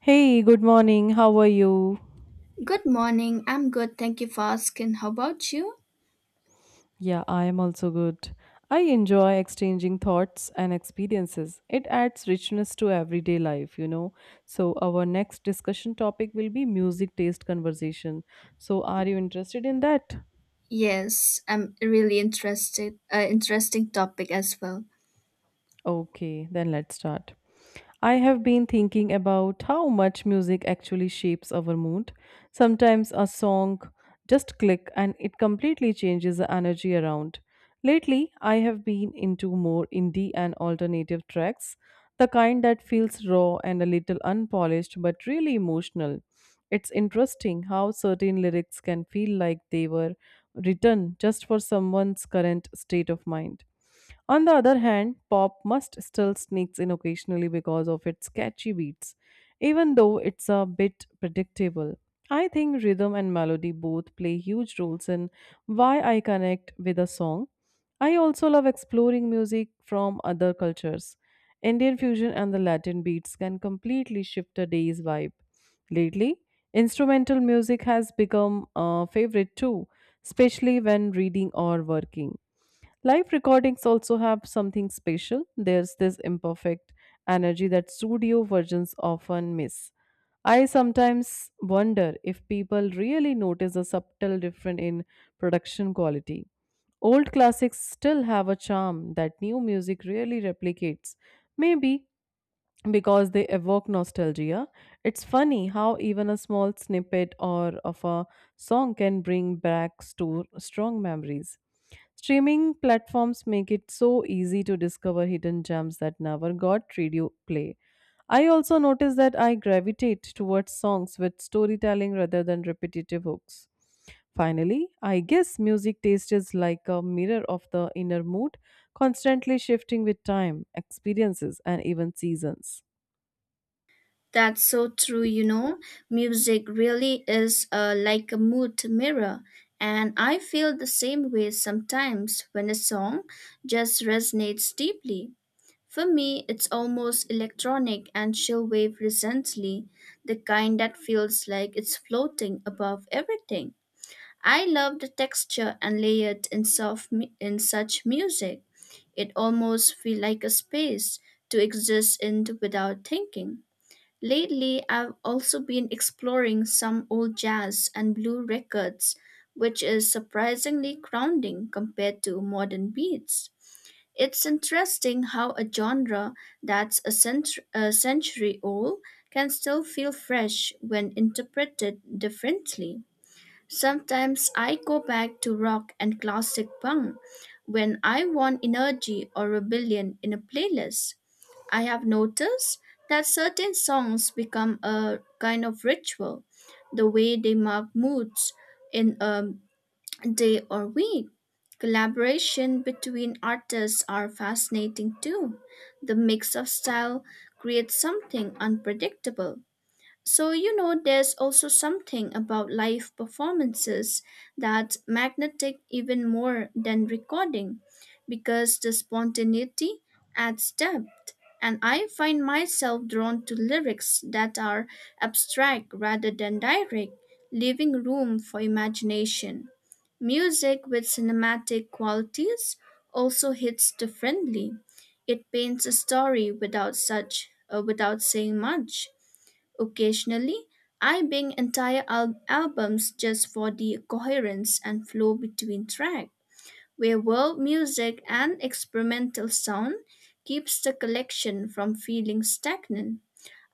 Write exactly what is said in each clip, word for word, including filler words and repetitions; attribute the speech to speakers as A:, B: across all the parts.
A: Hey, good morning. How are you?
B: Good morning. I'm good. Thank you for asking. How about you?
A: Yeah, I am also good. I enjoy exchanging thoughts and experiences. It adds richness to everyday life, you know. So, our next discussion topic will be music taste conversation. So, are you interested in that?
B: Yes, I'm really interested. Uh, interesting topic as well.
A: Okay, then let's start. I have been thinking about how much music actually shapes our mood. Sometimes a song just click and it completely changes the energy around. Lately, I have been into more indie and alternative tracks, the kind that feels raw and a little unpolished but really emotional. It's interesting how certain lyrics can feel like they were written just for someone's current state of mind. On the other hand, pop must still sneaks in occasionally because of its catchy beats, even though it's a bit predictable. I think rhythm and melody both play huge roles in why I connect with a song. I also love exploring music from other cultures. Indian fusion and the Latin beats can completely shift a day's vibe. Lately, instrumental music has become a favorite too, especially when reading or working. Live recordings also have something special. There's this imperfect energy that studio versions often miss. I sometimes wonder if people really notice a subtle difference in production quality. Old classics still have a charm that new music really replicates. Maybe because they evoke nostalgia. It's funny how even a small snippet or of a song can bring back sto- strong memories. Streaming platforms make it so easy to discover hidden gems that never got radio play. I also notice that I gravitate towards songs with storytelling rather than repetitive hooks. Finally, I guess music taste is like a mirror of the inner mood, constantly shifting with time, experiences, and even seasons.
B: That's so true, you know. Music really is uh, like a mood mirror. And I feel the same way sometimes when a song just resonates deeply. For me, it's almost electronic and she'll wave recently, the kind that feels like it's floating above everything. I love the texture and layered in, soft mu- in such music. It almost feels like a space to exist in without thinking. Lately, I've also been exploring some old jazz and blue records, which is surprisingly grounding compared to modern beats. It's interesting how a genre that's a, cent- a century old can still feel fresh when interpreted differently. Sometimes I go back to rock and classic punk when I want energy or rebellion in a playlist. I have noticed that certain songs become a kind of ritual, the way they mark moods in a day or week. Collaboration between artists are fascinating too. The mix of style creates something unpredictable. So, you know, there's also something about live performances that's magnetic even more than recording because the spontaneity adds depth. And I find myself drawn to lyrics that are abstract rather than direct, leaving room for imagination. Music with cinematic qualities also hits differently. It paints a story without such uh, without saying much. Occasionally, I bing entire al- albums just for the coherence and flow between tracks, where world music and experimental sound keeps the collection from feeling stagnant.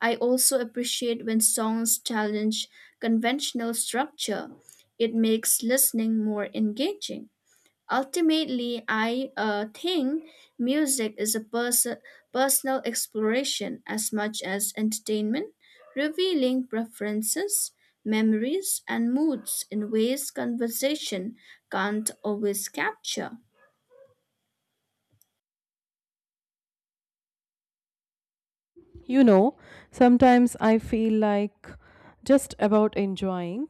B: I also appreciate when songs challenge conventional structure. It makes listening more engaging. Ultimately, I uh, think music is a pers- personal exploration as much as entertainment, revealing preferences, memories, and moods in ways conversation can't always capture.
A: You know, sometimes I feel like just about enjoying,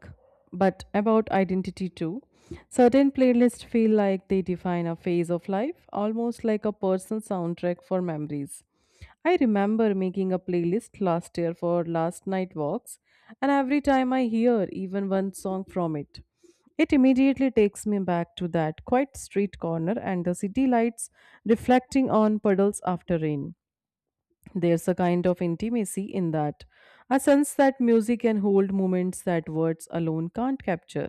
A: but about identity too. Certain playlists feel like they define a phase of life, almost like a personal soundtrack for memories. I remember making a playlist last year for last night walks, and every time I hear even one song from it, it immediately takes me back to that quiet street corner and the city lights reflecting on puddles after rain. There's a kind of intimacy in that, a sense that music can hold moments that words alone can't capture.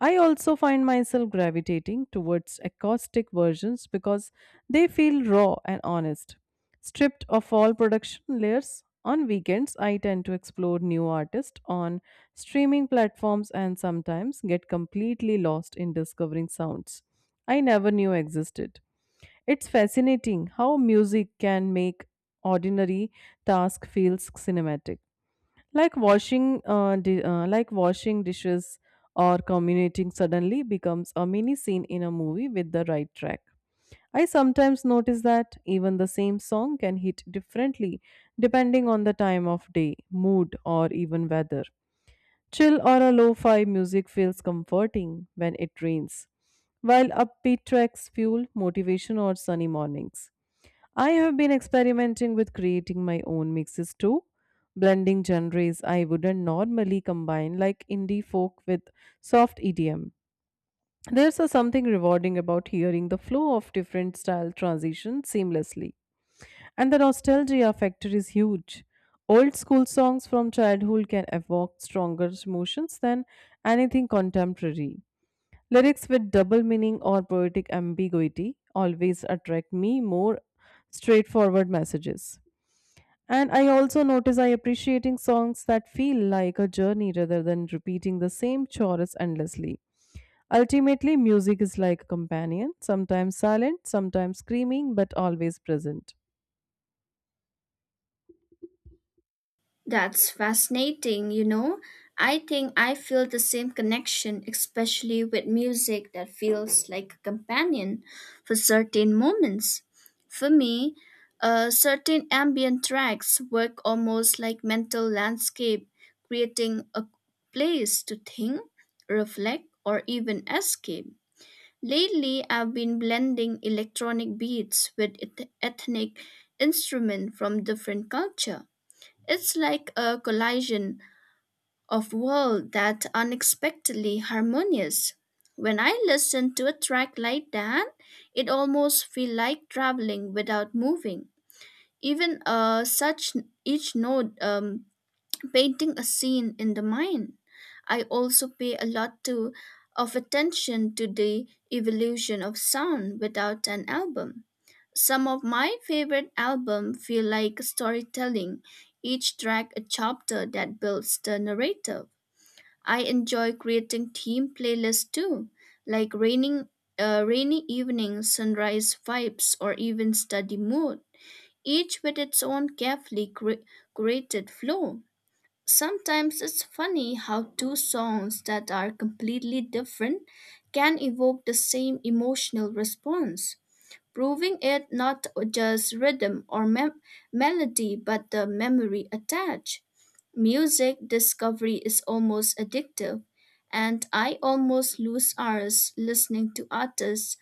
A: I also find myself gravitating towards acoustic versions because they feel raw and honest. Stripped of all production layers, on weekends I tend to explore new artists on streaming platforms and sometimes get completely lost in discovering sounds I never knew existed. It's fascinating how music can make ordinary task feels cinematic. Like washing, uh, di- uh, like washing dishes or communicating suddenly becomes a mini scene in a movie with the right track. I sometimes notice that even the same song can hit differently depending on the time of day, mood, or even weather. Chill or a lo-fi music feels comforting when it rains, while upbeat tracks fuel motivation or sunny mornings. I have been experimenting with creating my own mixes too, blending genres I wouldn't normally combine, like indie folk with soft E D M. There's a something rewarding about hearing the flow of different style transitions seamlessly. And the nostalgia factor is huge. Old school songs from childhood can evoke stronger emotions than anything contemporary. Lyrics with double meaning or poetic ambiguity always attract me more straightforward messages. And I also notice I appreciating songs that feel like a journey rather than repeating the same chorus endlessly. Ultimately, music is like a companion, sometimes silent, sometimes screaming, but always present.
B: That's fascinating, you know. I think I feel the same connection, especially with music that feels like a companion for certain moments. For me, uh, certain ambient tracks work almost like mental landscape, creating a place to think, reflect, or even escape. Lately, I've been blending electronic beats with eth- ethnic instruments from different culture. It's like a collision of worlds that unexpectedly harmonious. When I listen to a track like that, it almost feels like traveling without moving. Even uh, such each note um, painting a scene in the mind. I also pay a lot to, of attention to the evolution of sound without an album. Some of my favorite albums feel like storytelling, each track a chapter that builds the narrative. I enjoy creating theme playlists too, like raining, uh, rainy evenings, sunrise vibes, or even study mood, each with its own carefully cre- curated flow. Sometimes it's funny how two songs that are completely different can evoke the same emotional response, proving it not just rhythm or mem- melody but the memory attached. Music discovery is almost addictive, and I almost lose hours listening to artists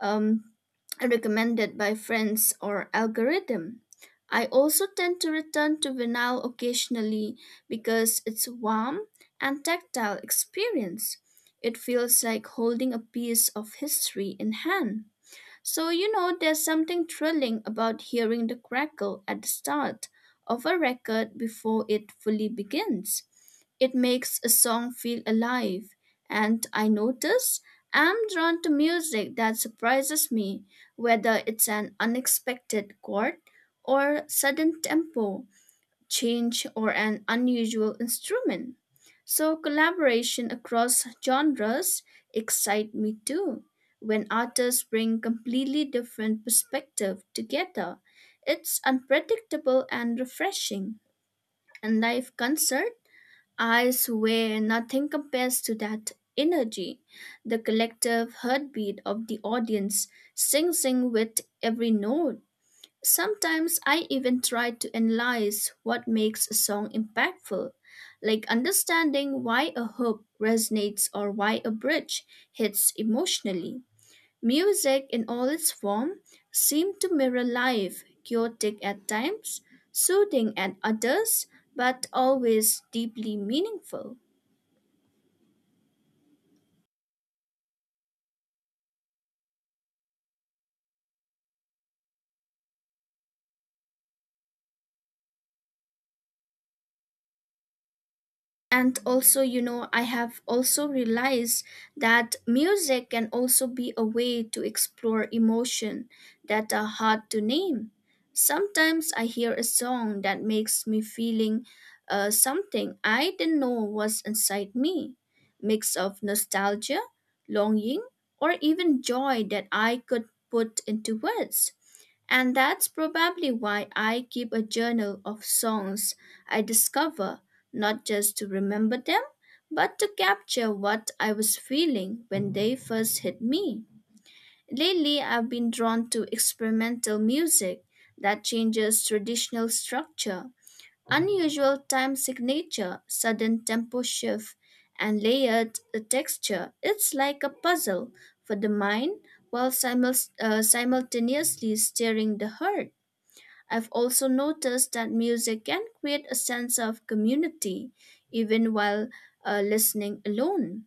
B: um, recommended by friends or algorithm. I also tend to return to vinyl occasionally because it's warm and tactile experience. It feels like holding a piece of history in hand. So, you know, there's something thrilling about hearing the crackle at the start of a record before it fully begins. It makes a song feel alive, and I notice I'm drawn to music that surprises me, whether it's an unexpected chord or sudden tempo change, or an unusual instrument. So collaboration across genres excite me too. When artists bring completely different perspectives together, it's unpredictable and refreshing. And live concert, I swear nothing compares to that energy. The collective heartbeat of the audience sings in with every note. Sometimes I even try to analyze what makes a song impactful, like understanding why a hook resonates or why a bridge hits emotionally. Music in all its form seemed to mirror life, chaotic at times, soothing at others, but always deeply meaningful. And also, you know, I have also realized that music can also be a way to explore emotion that are hard to name. Sometimes I hear a song that makes me feeling uh, something I didn't know was inside me, mix of nostalgia, longing, or even joy that I could put into words. And that's probably why I keep a journal of songs I discover, not just to remember them, but to capture what I was feeling when they first hit me. Lately, I've been drawn to experimental music that changes traditional structure, unusual time signature, sudden tempo shift, and layered texture. It's like a puzzle for the mind while simul- uh, simultaneously stirring the heart. I've also noticed that music can create a sense of community even while uh, listening alone.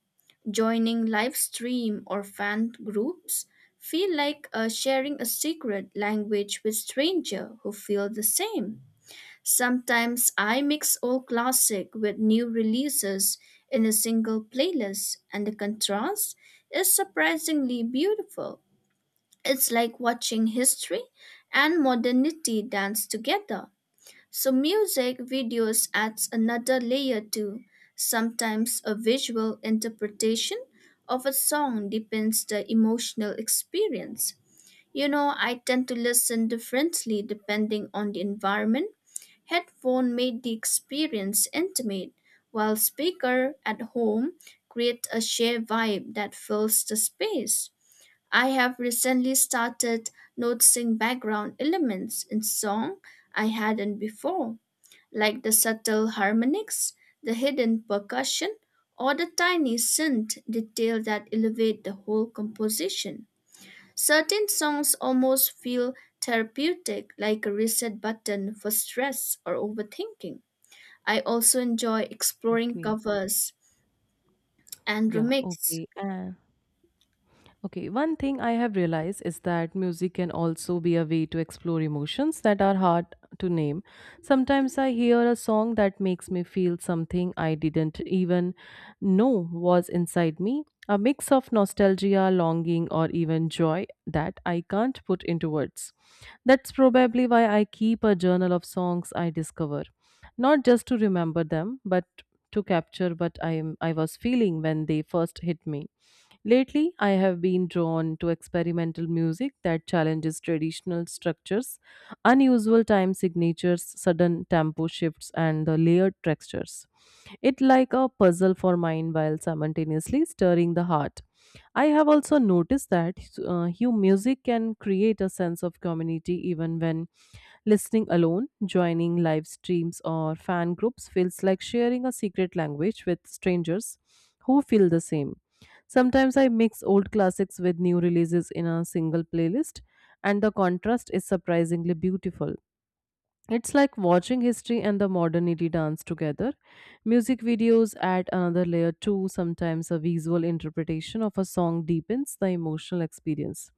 B: Joining live stream or fan groups feel like uh, sharing a secret language with stranger who feel the same. Sometimes I mix old classic with new releases in a single playlist, and the contrast is surprisingly beautiful. It's like watching history and modernity dance together. So music videos adds another layer too. Sometimes a visual interpretation of a song depends the emotional experience. You know, I tend to listen differently depending on the environment. Headphone made the experience intimate, while speaker at home create a shared vibe that fills the space. I have recently started noticing background elements in song I hadn't before, like the subtle harmonics, the hidden percussion, or the tiny synth detail that elevate the whole composition. Certain songs almost feel therapeutic, like a reset button for stress or overthinking. I also enjoy exploring
A: Okay.
B: covers and
A: Yeah,
B: remixes.
A: okay. And okay, one thing I have realized is that music can also be a way to explore emotions that are hard to name. Sometimes I hear a song that makes me feel something I didn't even know was inside me, a mix of nostalgia, longing, or even joy that I can't put into words. That's probably why I keep a journal of songs I discover, not just to remember them, but to capture what I am I was feeling when they first hit me. Lately, I have been drawn to experimental music that challenges traditional structures, unusual time signatures, sudden tempo shifts, and the layered textures. It like a puzzle for mind while simultaneously stirring the heart. I have also noticed that uh, hu- music can create a sense of community even when listening alone, joining live streams or fan groups feels like sharing a secret language with strangers who feel the same. Sometimes I mix old classics with new releases in a single playlist, and the contrast is surprisingly beautiful. It's like watching history and the modernity dance together. Music videos add another layer too. Sometimes a visual interpretation of a song deepens the emotional experience.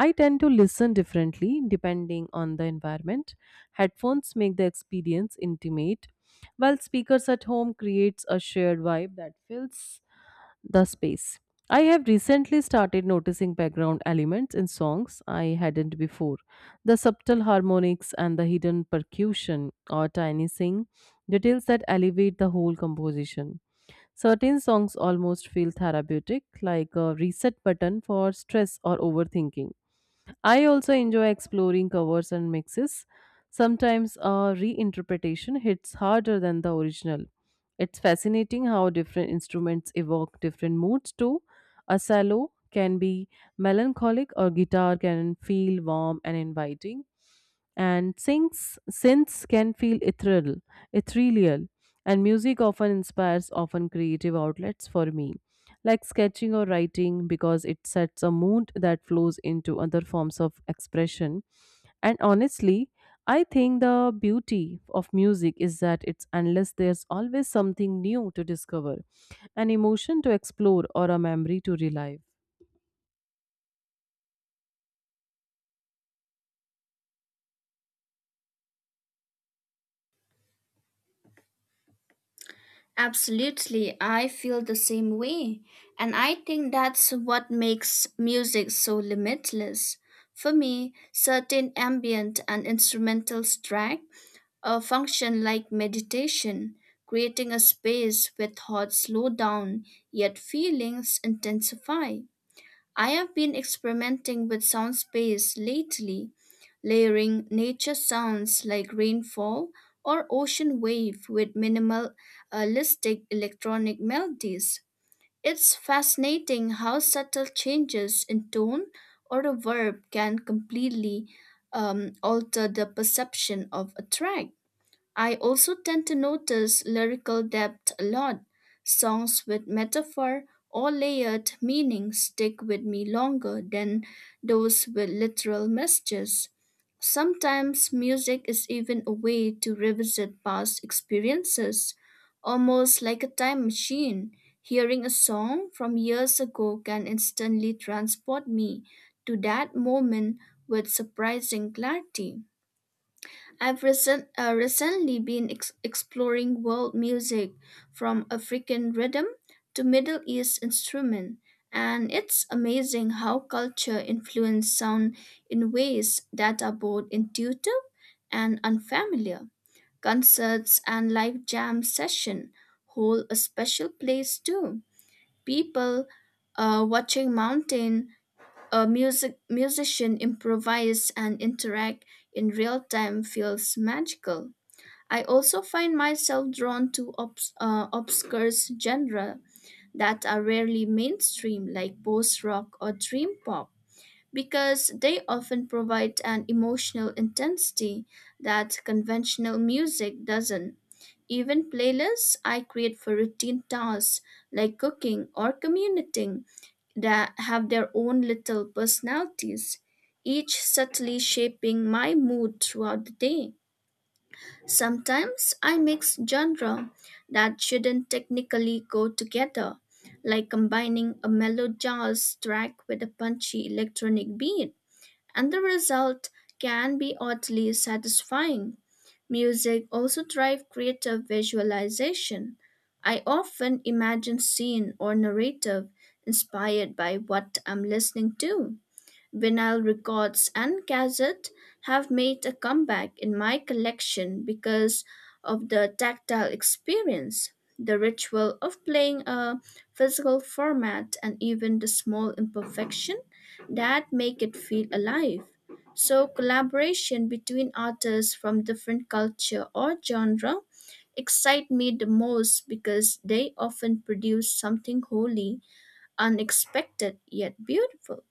A: I tend to listen differently depending on the environment. Headphones make the experience intimate, while speakers at home creates a shared vibe that feels the space. I have recently started noticing background elements in songs I hadn't before. The subtle harmonics and the hidden percussion or tiny sing details that elevate the whole composition. Certain songs almost feel therapeutic, like a reset button for stress or overthinking. I also enjoy exploring covers and mixes. Sometimes a reinterpretation hits harder than the original. It's fascinating how different instruments evoke different moods too. A cello can be melancholic or guitar can feel warm and inviting, and synths synths can feel ethereal ethereal, and music often inspires often creative outlets for me, like sketching or writing, because it sets a mood that flows into other forms of expression. And honestly, I think the beauty of music is that it's endless. There's always something new to discover, an emotion to explore, or a memory to relive.
B: Absolutely, I feel the same way. And I think that's what makes music so limitless. For me, certain ambient and instrumental tracks uh, function like meditation, creating a space where thoughts slow down, yet feelings intensify. I have been experimenting with soundscapes lately, layering nature sounds like rainfall or ocean wave with minimalistic electronic melodies. It's fascinating how subtle changes in tone or a verb can completely um, alter the perception of a track. I also tend to notice lyrical depth a lot. Songs with metaphor or layered meaning stick with me longer than those with literal messages. Sometimes music is even a way to revisit past experiences, almost like a time machine. Hearing a song from years ago can instantly transport me to that moment with surprising clarity. I've recent, uh, recently been ex- exploring world music from African rhythm to Middle East instrument, and it's amazing how culture influences sound in ways that are both intuitive and unfamiliar. Concerts and live jam session hold a special place too. People uh, watching mountain a music musician improvise and interact in real time feels magical. I also find myself drawn to obs- uh, obscure genres that are rarely mainstream, like post rock or dream pop, because they often provide an emotional intensity that conventional music doesn't. Even playlists I create for routine tasks like cooking or commuting that have their own little personalities, each subtly shaping my mood throughout the day. Sometimes I mix genre that shouldn't technically go together, like combining a mellow jazz track with a punchy electronic beat, and the result can be oddly satisfying. Music also drives creative visualization. I often imagine scene or narrative inspired by what I'm listening to. Vinyl records and cassettes have made a comeback in my collection because of the tactile experience, the ritual of playing a physical format, and even the small imperfection that make it feel alive. So, collaboration between artists from different culture or genre excite me the most because they often produce something wholly unexpected yet beautiful.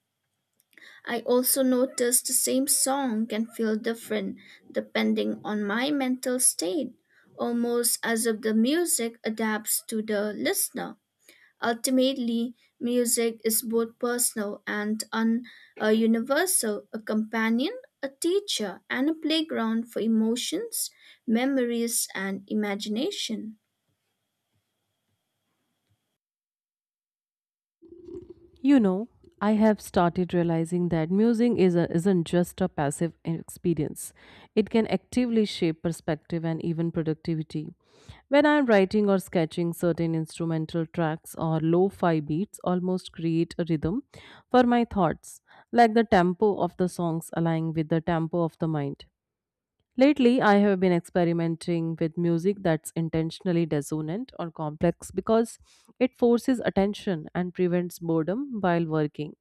B: I also notice the same song can feel different depending on my mental state, almost as if the music adapts to the listener. Ultimately, music is both personal and un- uh, universal, a companion, a teacher, and a playground for emotions, memories, and imagination.
A: You know, I have started realizing that musing is a, isn't just a passive experience. It can actively shape perspective and even productivity. When I am writing or sketching, certain instrumental tracks or lo fi beats almost create a rhythm for my thoughts, like the tempo of the songs aligning with the tempo of the mind. Lately, I have been experimenting with music that's intentionally dissonant or complex because it forces attention and prevents boredom while working.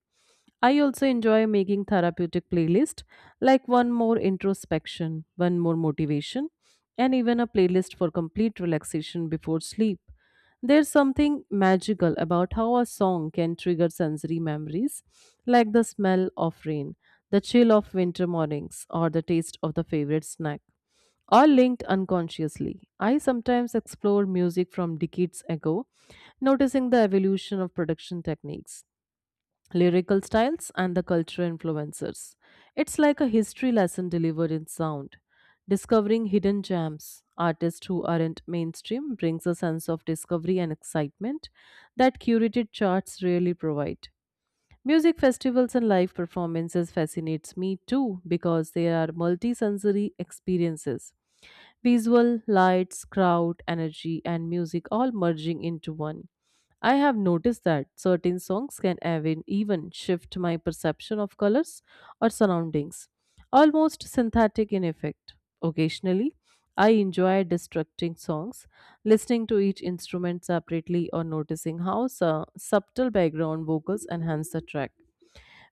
A: I also enjoy making therapeutic playlist like one more introspection, one more motivation, and even a playlist for complete relaxation before sleep. There's something magical about how a song can trigger sensory memories like the smell of rain, the chill of winter mornings, or the taste of the favorite snack all linked unconsciously. I sometimes explore music from decades ago, noticing the evolution of production techniques, lyrical styles and the cultural influencers. It's like a history lesson delivered in sound. Discovering hidden gems, artists who aren't mainstream, brings a sense of discovery and excitement that curated charts rarely provide. Music festivals and live performances fascinates me too because they are multisensory experiences. Visual, lights, crowd, energy and music all merging into one. I have noticed that certain songs can even even shift my perception of colors or surroundings, almost synthetic in effect. Occasionally, I enjoy destructing songs, listening to each instrument separately or noticing how su- subtle background vocals enhance the track.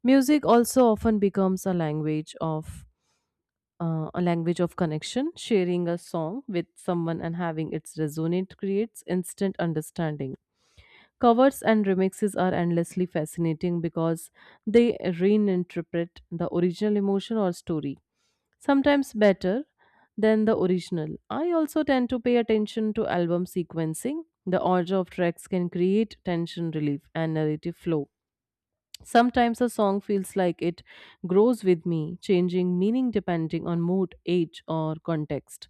A: Music also often becomes a language of uh, a language of connection. Sharing a song with someone and having it resonate creates instant understanding. Covers and remixes are endlessly fascinating because they reinterpret the original emotion or story sometimes better than the original. I also tend to pay attention to album sequencing. The order of tracks can create tension relief and narrative flow. Sometimes a song feels like it grows with me, changing meaning depending on mood, age, or context.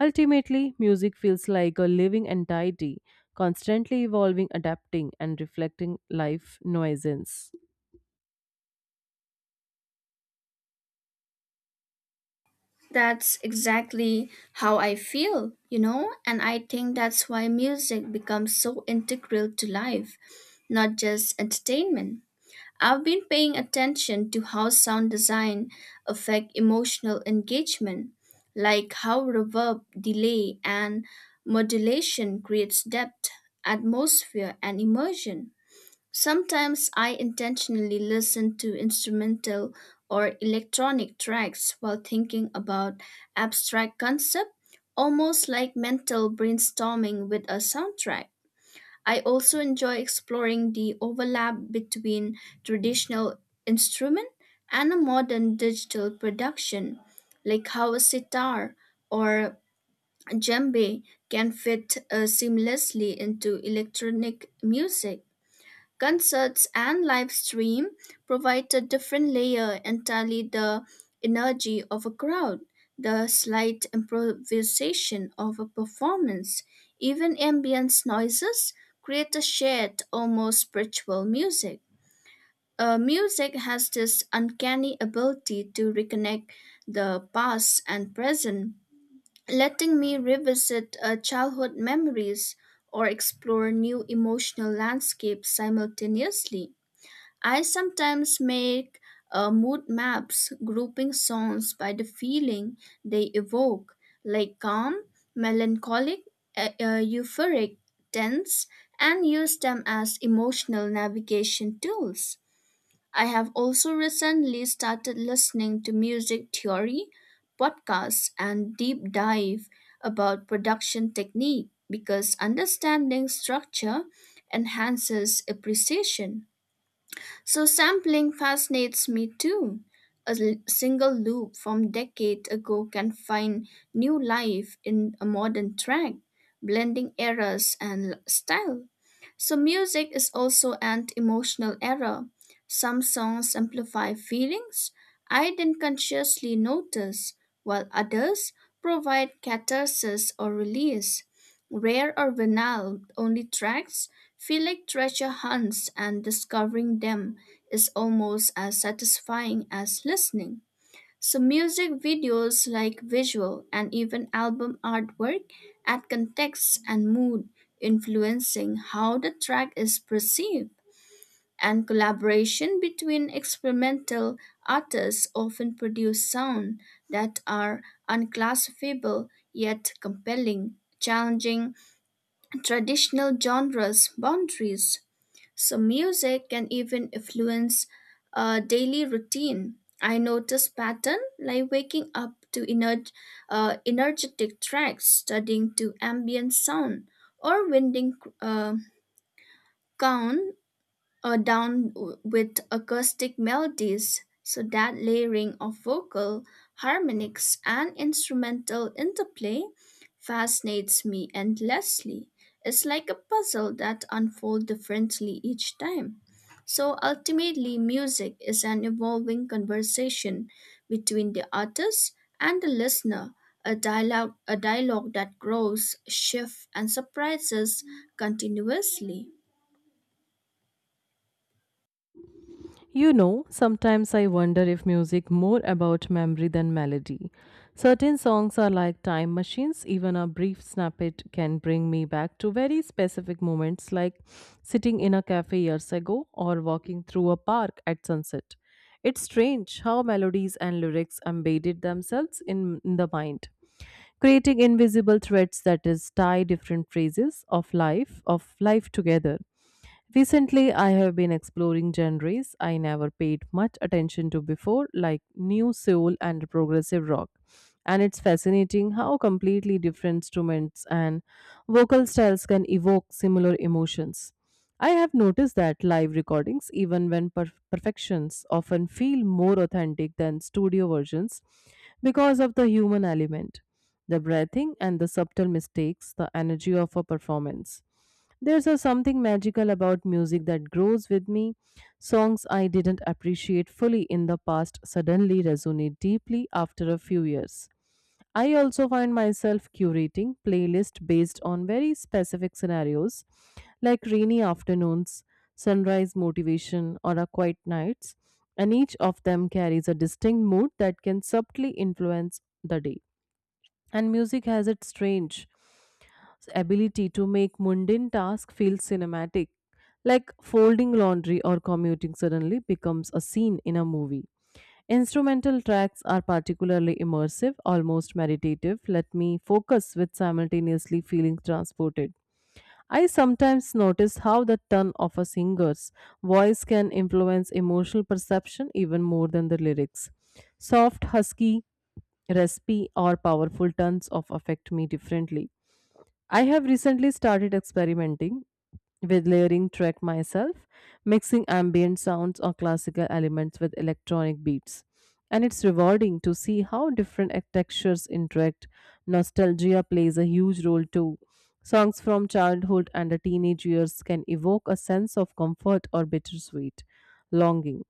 A: Ultimately, music feels like a living entity, constantly evolving, adapting, and reflecting life nuisance.
B: That's exactly how I feel, you know, and I think that's why music becomes so integral to life, not just entertainment. I've been paying attention to how sound design affect emotional engagement, like how reverb, delay, and modulation creates depth, atmosphere, and immersion. Sometimes I intentionally listen to instrumental or electronic tracks while thinking about abstract concept, almost like mental brainstorming with a soundtrack. I also enjoy exploring the overlap between traditional instrument and a modern digital production, like how a sitar or djembe can fit uh, seamlessly into electronic music. Concerts and live stream provide a different layer entirely the energy of a crowd, the slight improvisation of a performance, even ambient noises create a shared, almost spiritual music. Uh, music has this uncanny ability to reconnect the past and present, letting me revisit uh, childhood memories or explore new emotional landscapes simultaneously. I sometimes make uh, mood maps, grouping songs by the feeling they evoke, like calm, melancholic, e- uh, euphoric, tense, and use them as emotional navigation tools. I have also recently started listening to music theory, podcasts, and deep dive about production technique because understanding structure enhances appreciation. So sampling fascinates me too. A l- single loop from decade ago can find new life in a modern track, blending eras and l- style. So music is also an emotional era. Some songs amplify feelings I didn't consciously notice, while others provide catharsis or release. Rare or banal only tracks feel like treasure hunts and discovering them is almost as satisfying as listening. So music videos like visual and even album artwork add context and mood influencing how the track is perceived. And collaboration between experimental artists often produce sound that are unclassifiable yet compelling, challenging traditional genres boundaries. So, music can even influence a daily routine. I notice pattern like waking up to ener- uh, energetic tracks, studying to ambient sound, or winding uh, down uh, down w- with acoustic melodies, so that layering of vocal, harmonics, and instrumental interplay fascinates me endlessly. It's like a puzzle that unfolds differently each time. So ultimately, music is an evolving conversation between the artist and the listener, a dialogue, a dialogue that grows, shifts, and surprises continuously.
A: You know, sometimes I wonder if music more about memory than melody. Certain songs are like time machines. Even a brief snippet can bring me back to very specific moments, like sitting in a cafe years ago or walking through a park at sunset. It's strange how melodies and lyrics embedded themselves in, in the mind, creating invisible threads that is tie different phases of life of life together. Recently, I have been exploring genres I never paid much attention to before, like new soul and progressive rock. And it's fascinating how completely different instruments and vocal styles can evoke similar emotions. I have noticed that live recordings, even when per- perfections, often feel more authentic than studio versions because of the human element, the breathing, and the subtle mistakes, the energy of a performance. There's a something magical about music that grows with me. Songs I didn't appreciate fully in the past suddenly resonate deeply after a few years. I also find myself curating playlists based on very specific scenarios like rainy afternoons, sunrise motivation, or a quiet nights, and each of them carries a distinct mood that can subtly influence the day. And music has its strange ability to make mundane tasks feel cinematic, like folding laundry or commuting suddenly becomes a scene in a movie. Instrumental tracks are particularly immersive, almost meditative, let me focus with simultaneously feeling transported. I sometimes notice how the tone of a singer's voice can influence emotional perception even more than the lyrics. Soft, husky, raspy, or powerful tones of affect me differently. I have recently started experimenting with layering track myself, mixing ambient sounds or classical elements with electronic beats. And it's rewarding to see how different e- textures interact. Nostalgia plays a huge role too. Songs from childhood and the teenage years can evoke a sense of comfort or bittersweet longing.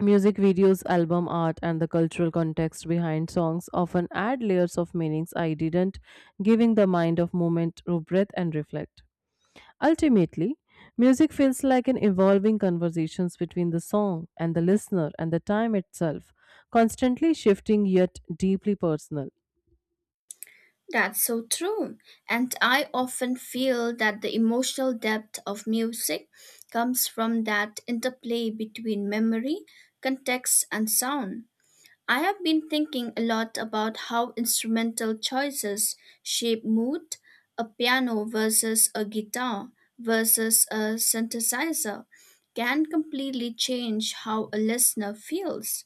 A: Music videos, album art, and the cultural context behind songs often add layers of meanings I didn't, giving the mind a moment to breathe and reflect. Ultimately, music feels like an evolving conversations between the song and the listener and the time itself, constantly shifting yet deeply personal.
B: That's so true. And I often feel that the emotional depth of music comes from that interplay between memory, context, and sound. I have been thinking a lot about how instrumental choices shape mood, a piano versus a guitar versus a synthesizer can completely change how a listener feels,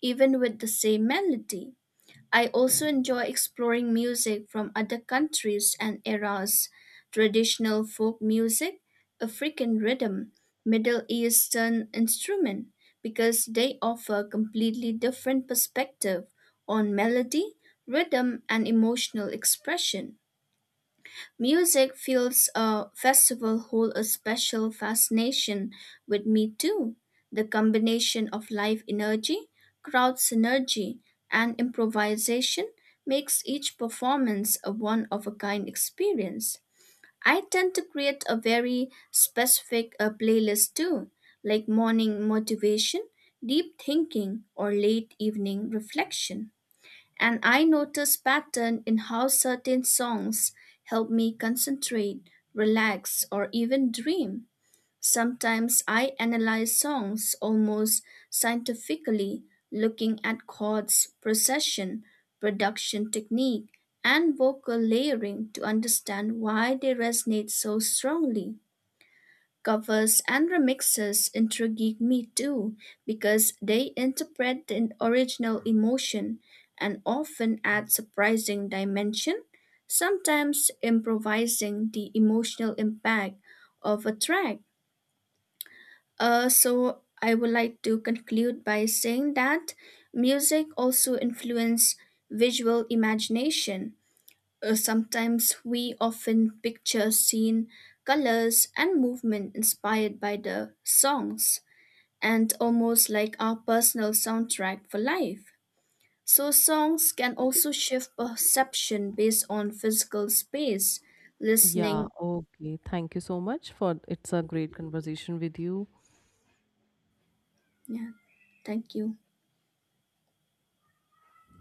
B: even with the same melody. I also enjoy exploring music from other countries and eras, traditional folk music, African rhythm, Middle Eastern instrument, because they offer completely different perspective on melody, rhythm, and emotional expression. Music fills a festival hold a special fascination with me too. The combination of live energy, crowd synergy, and improvisation makes each performance a one of a kind experience. I tend to create a very specific uh, playlist too, like morning motivation, deep thinking, or late evening reflection. And I notice pattern in how certain songs help me concentrate, relax, or even dream. Sometimes I analyze songs almost scientifically, looking at chords, procession, production technique, and vocal layering to understand why they resonate so strongly. Covers and remixes intrigued me too because they interpret the original emotion and often add surprising dimension, sometimes improvising the emotional impact of a track. Uh, so I would like to conclude by saying that music also influences visual imagination. Uh, sometimes we often picture scene, colors, and movement inspired by the songs, and almost like our personal soundtrack for life. So, songs can also shift perception based on physical space,
A: Yeah,
B: listening.
A: okay. Thank you so much for it's a great conversation with you.
B: Yeah, thank you.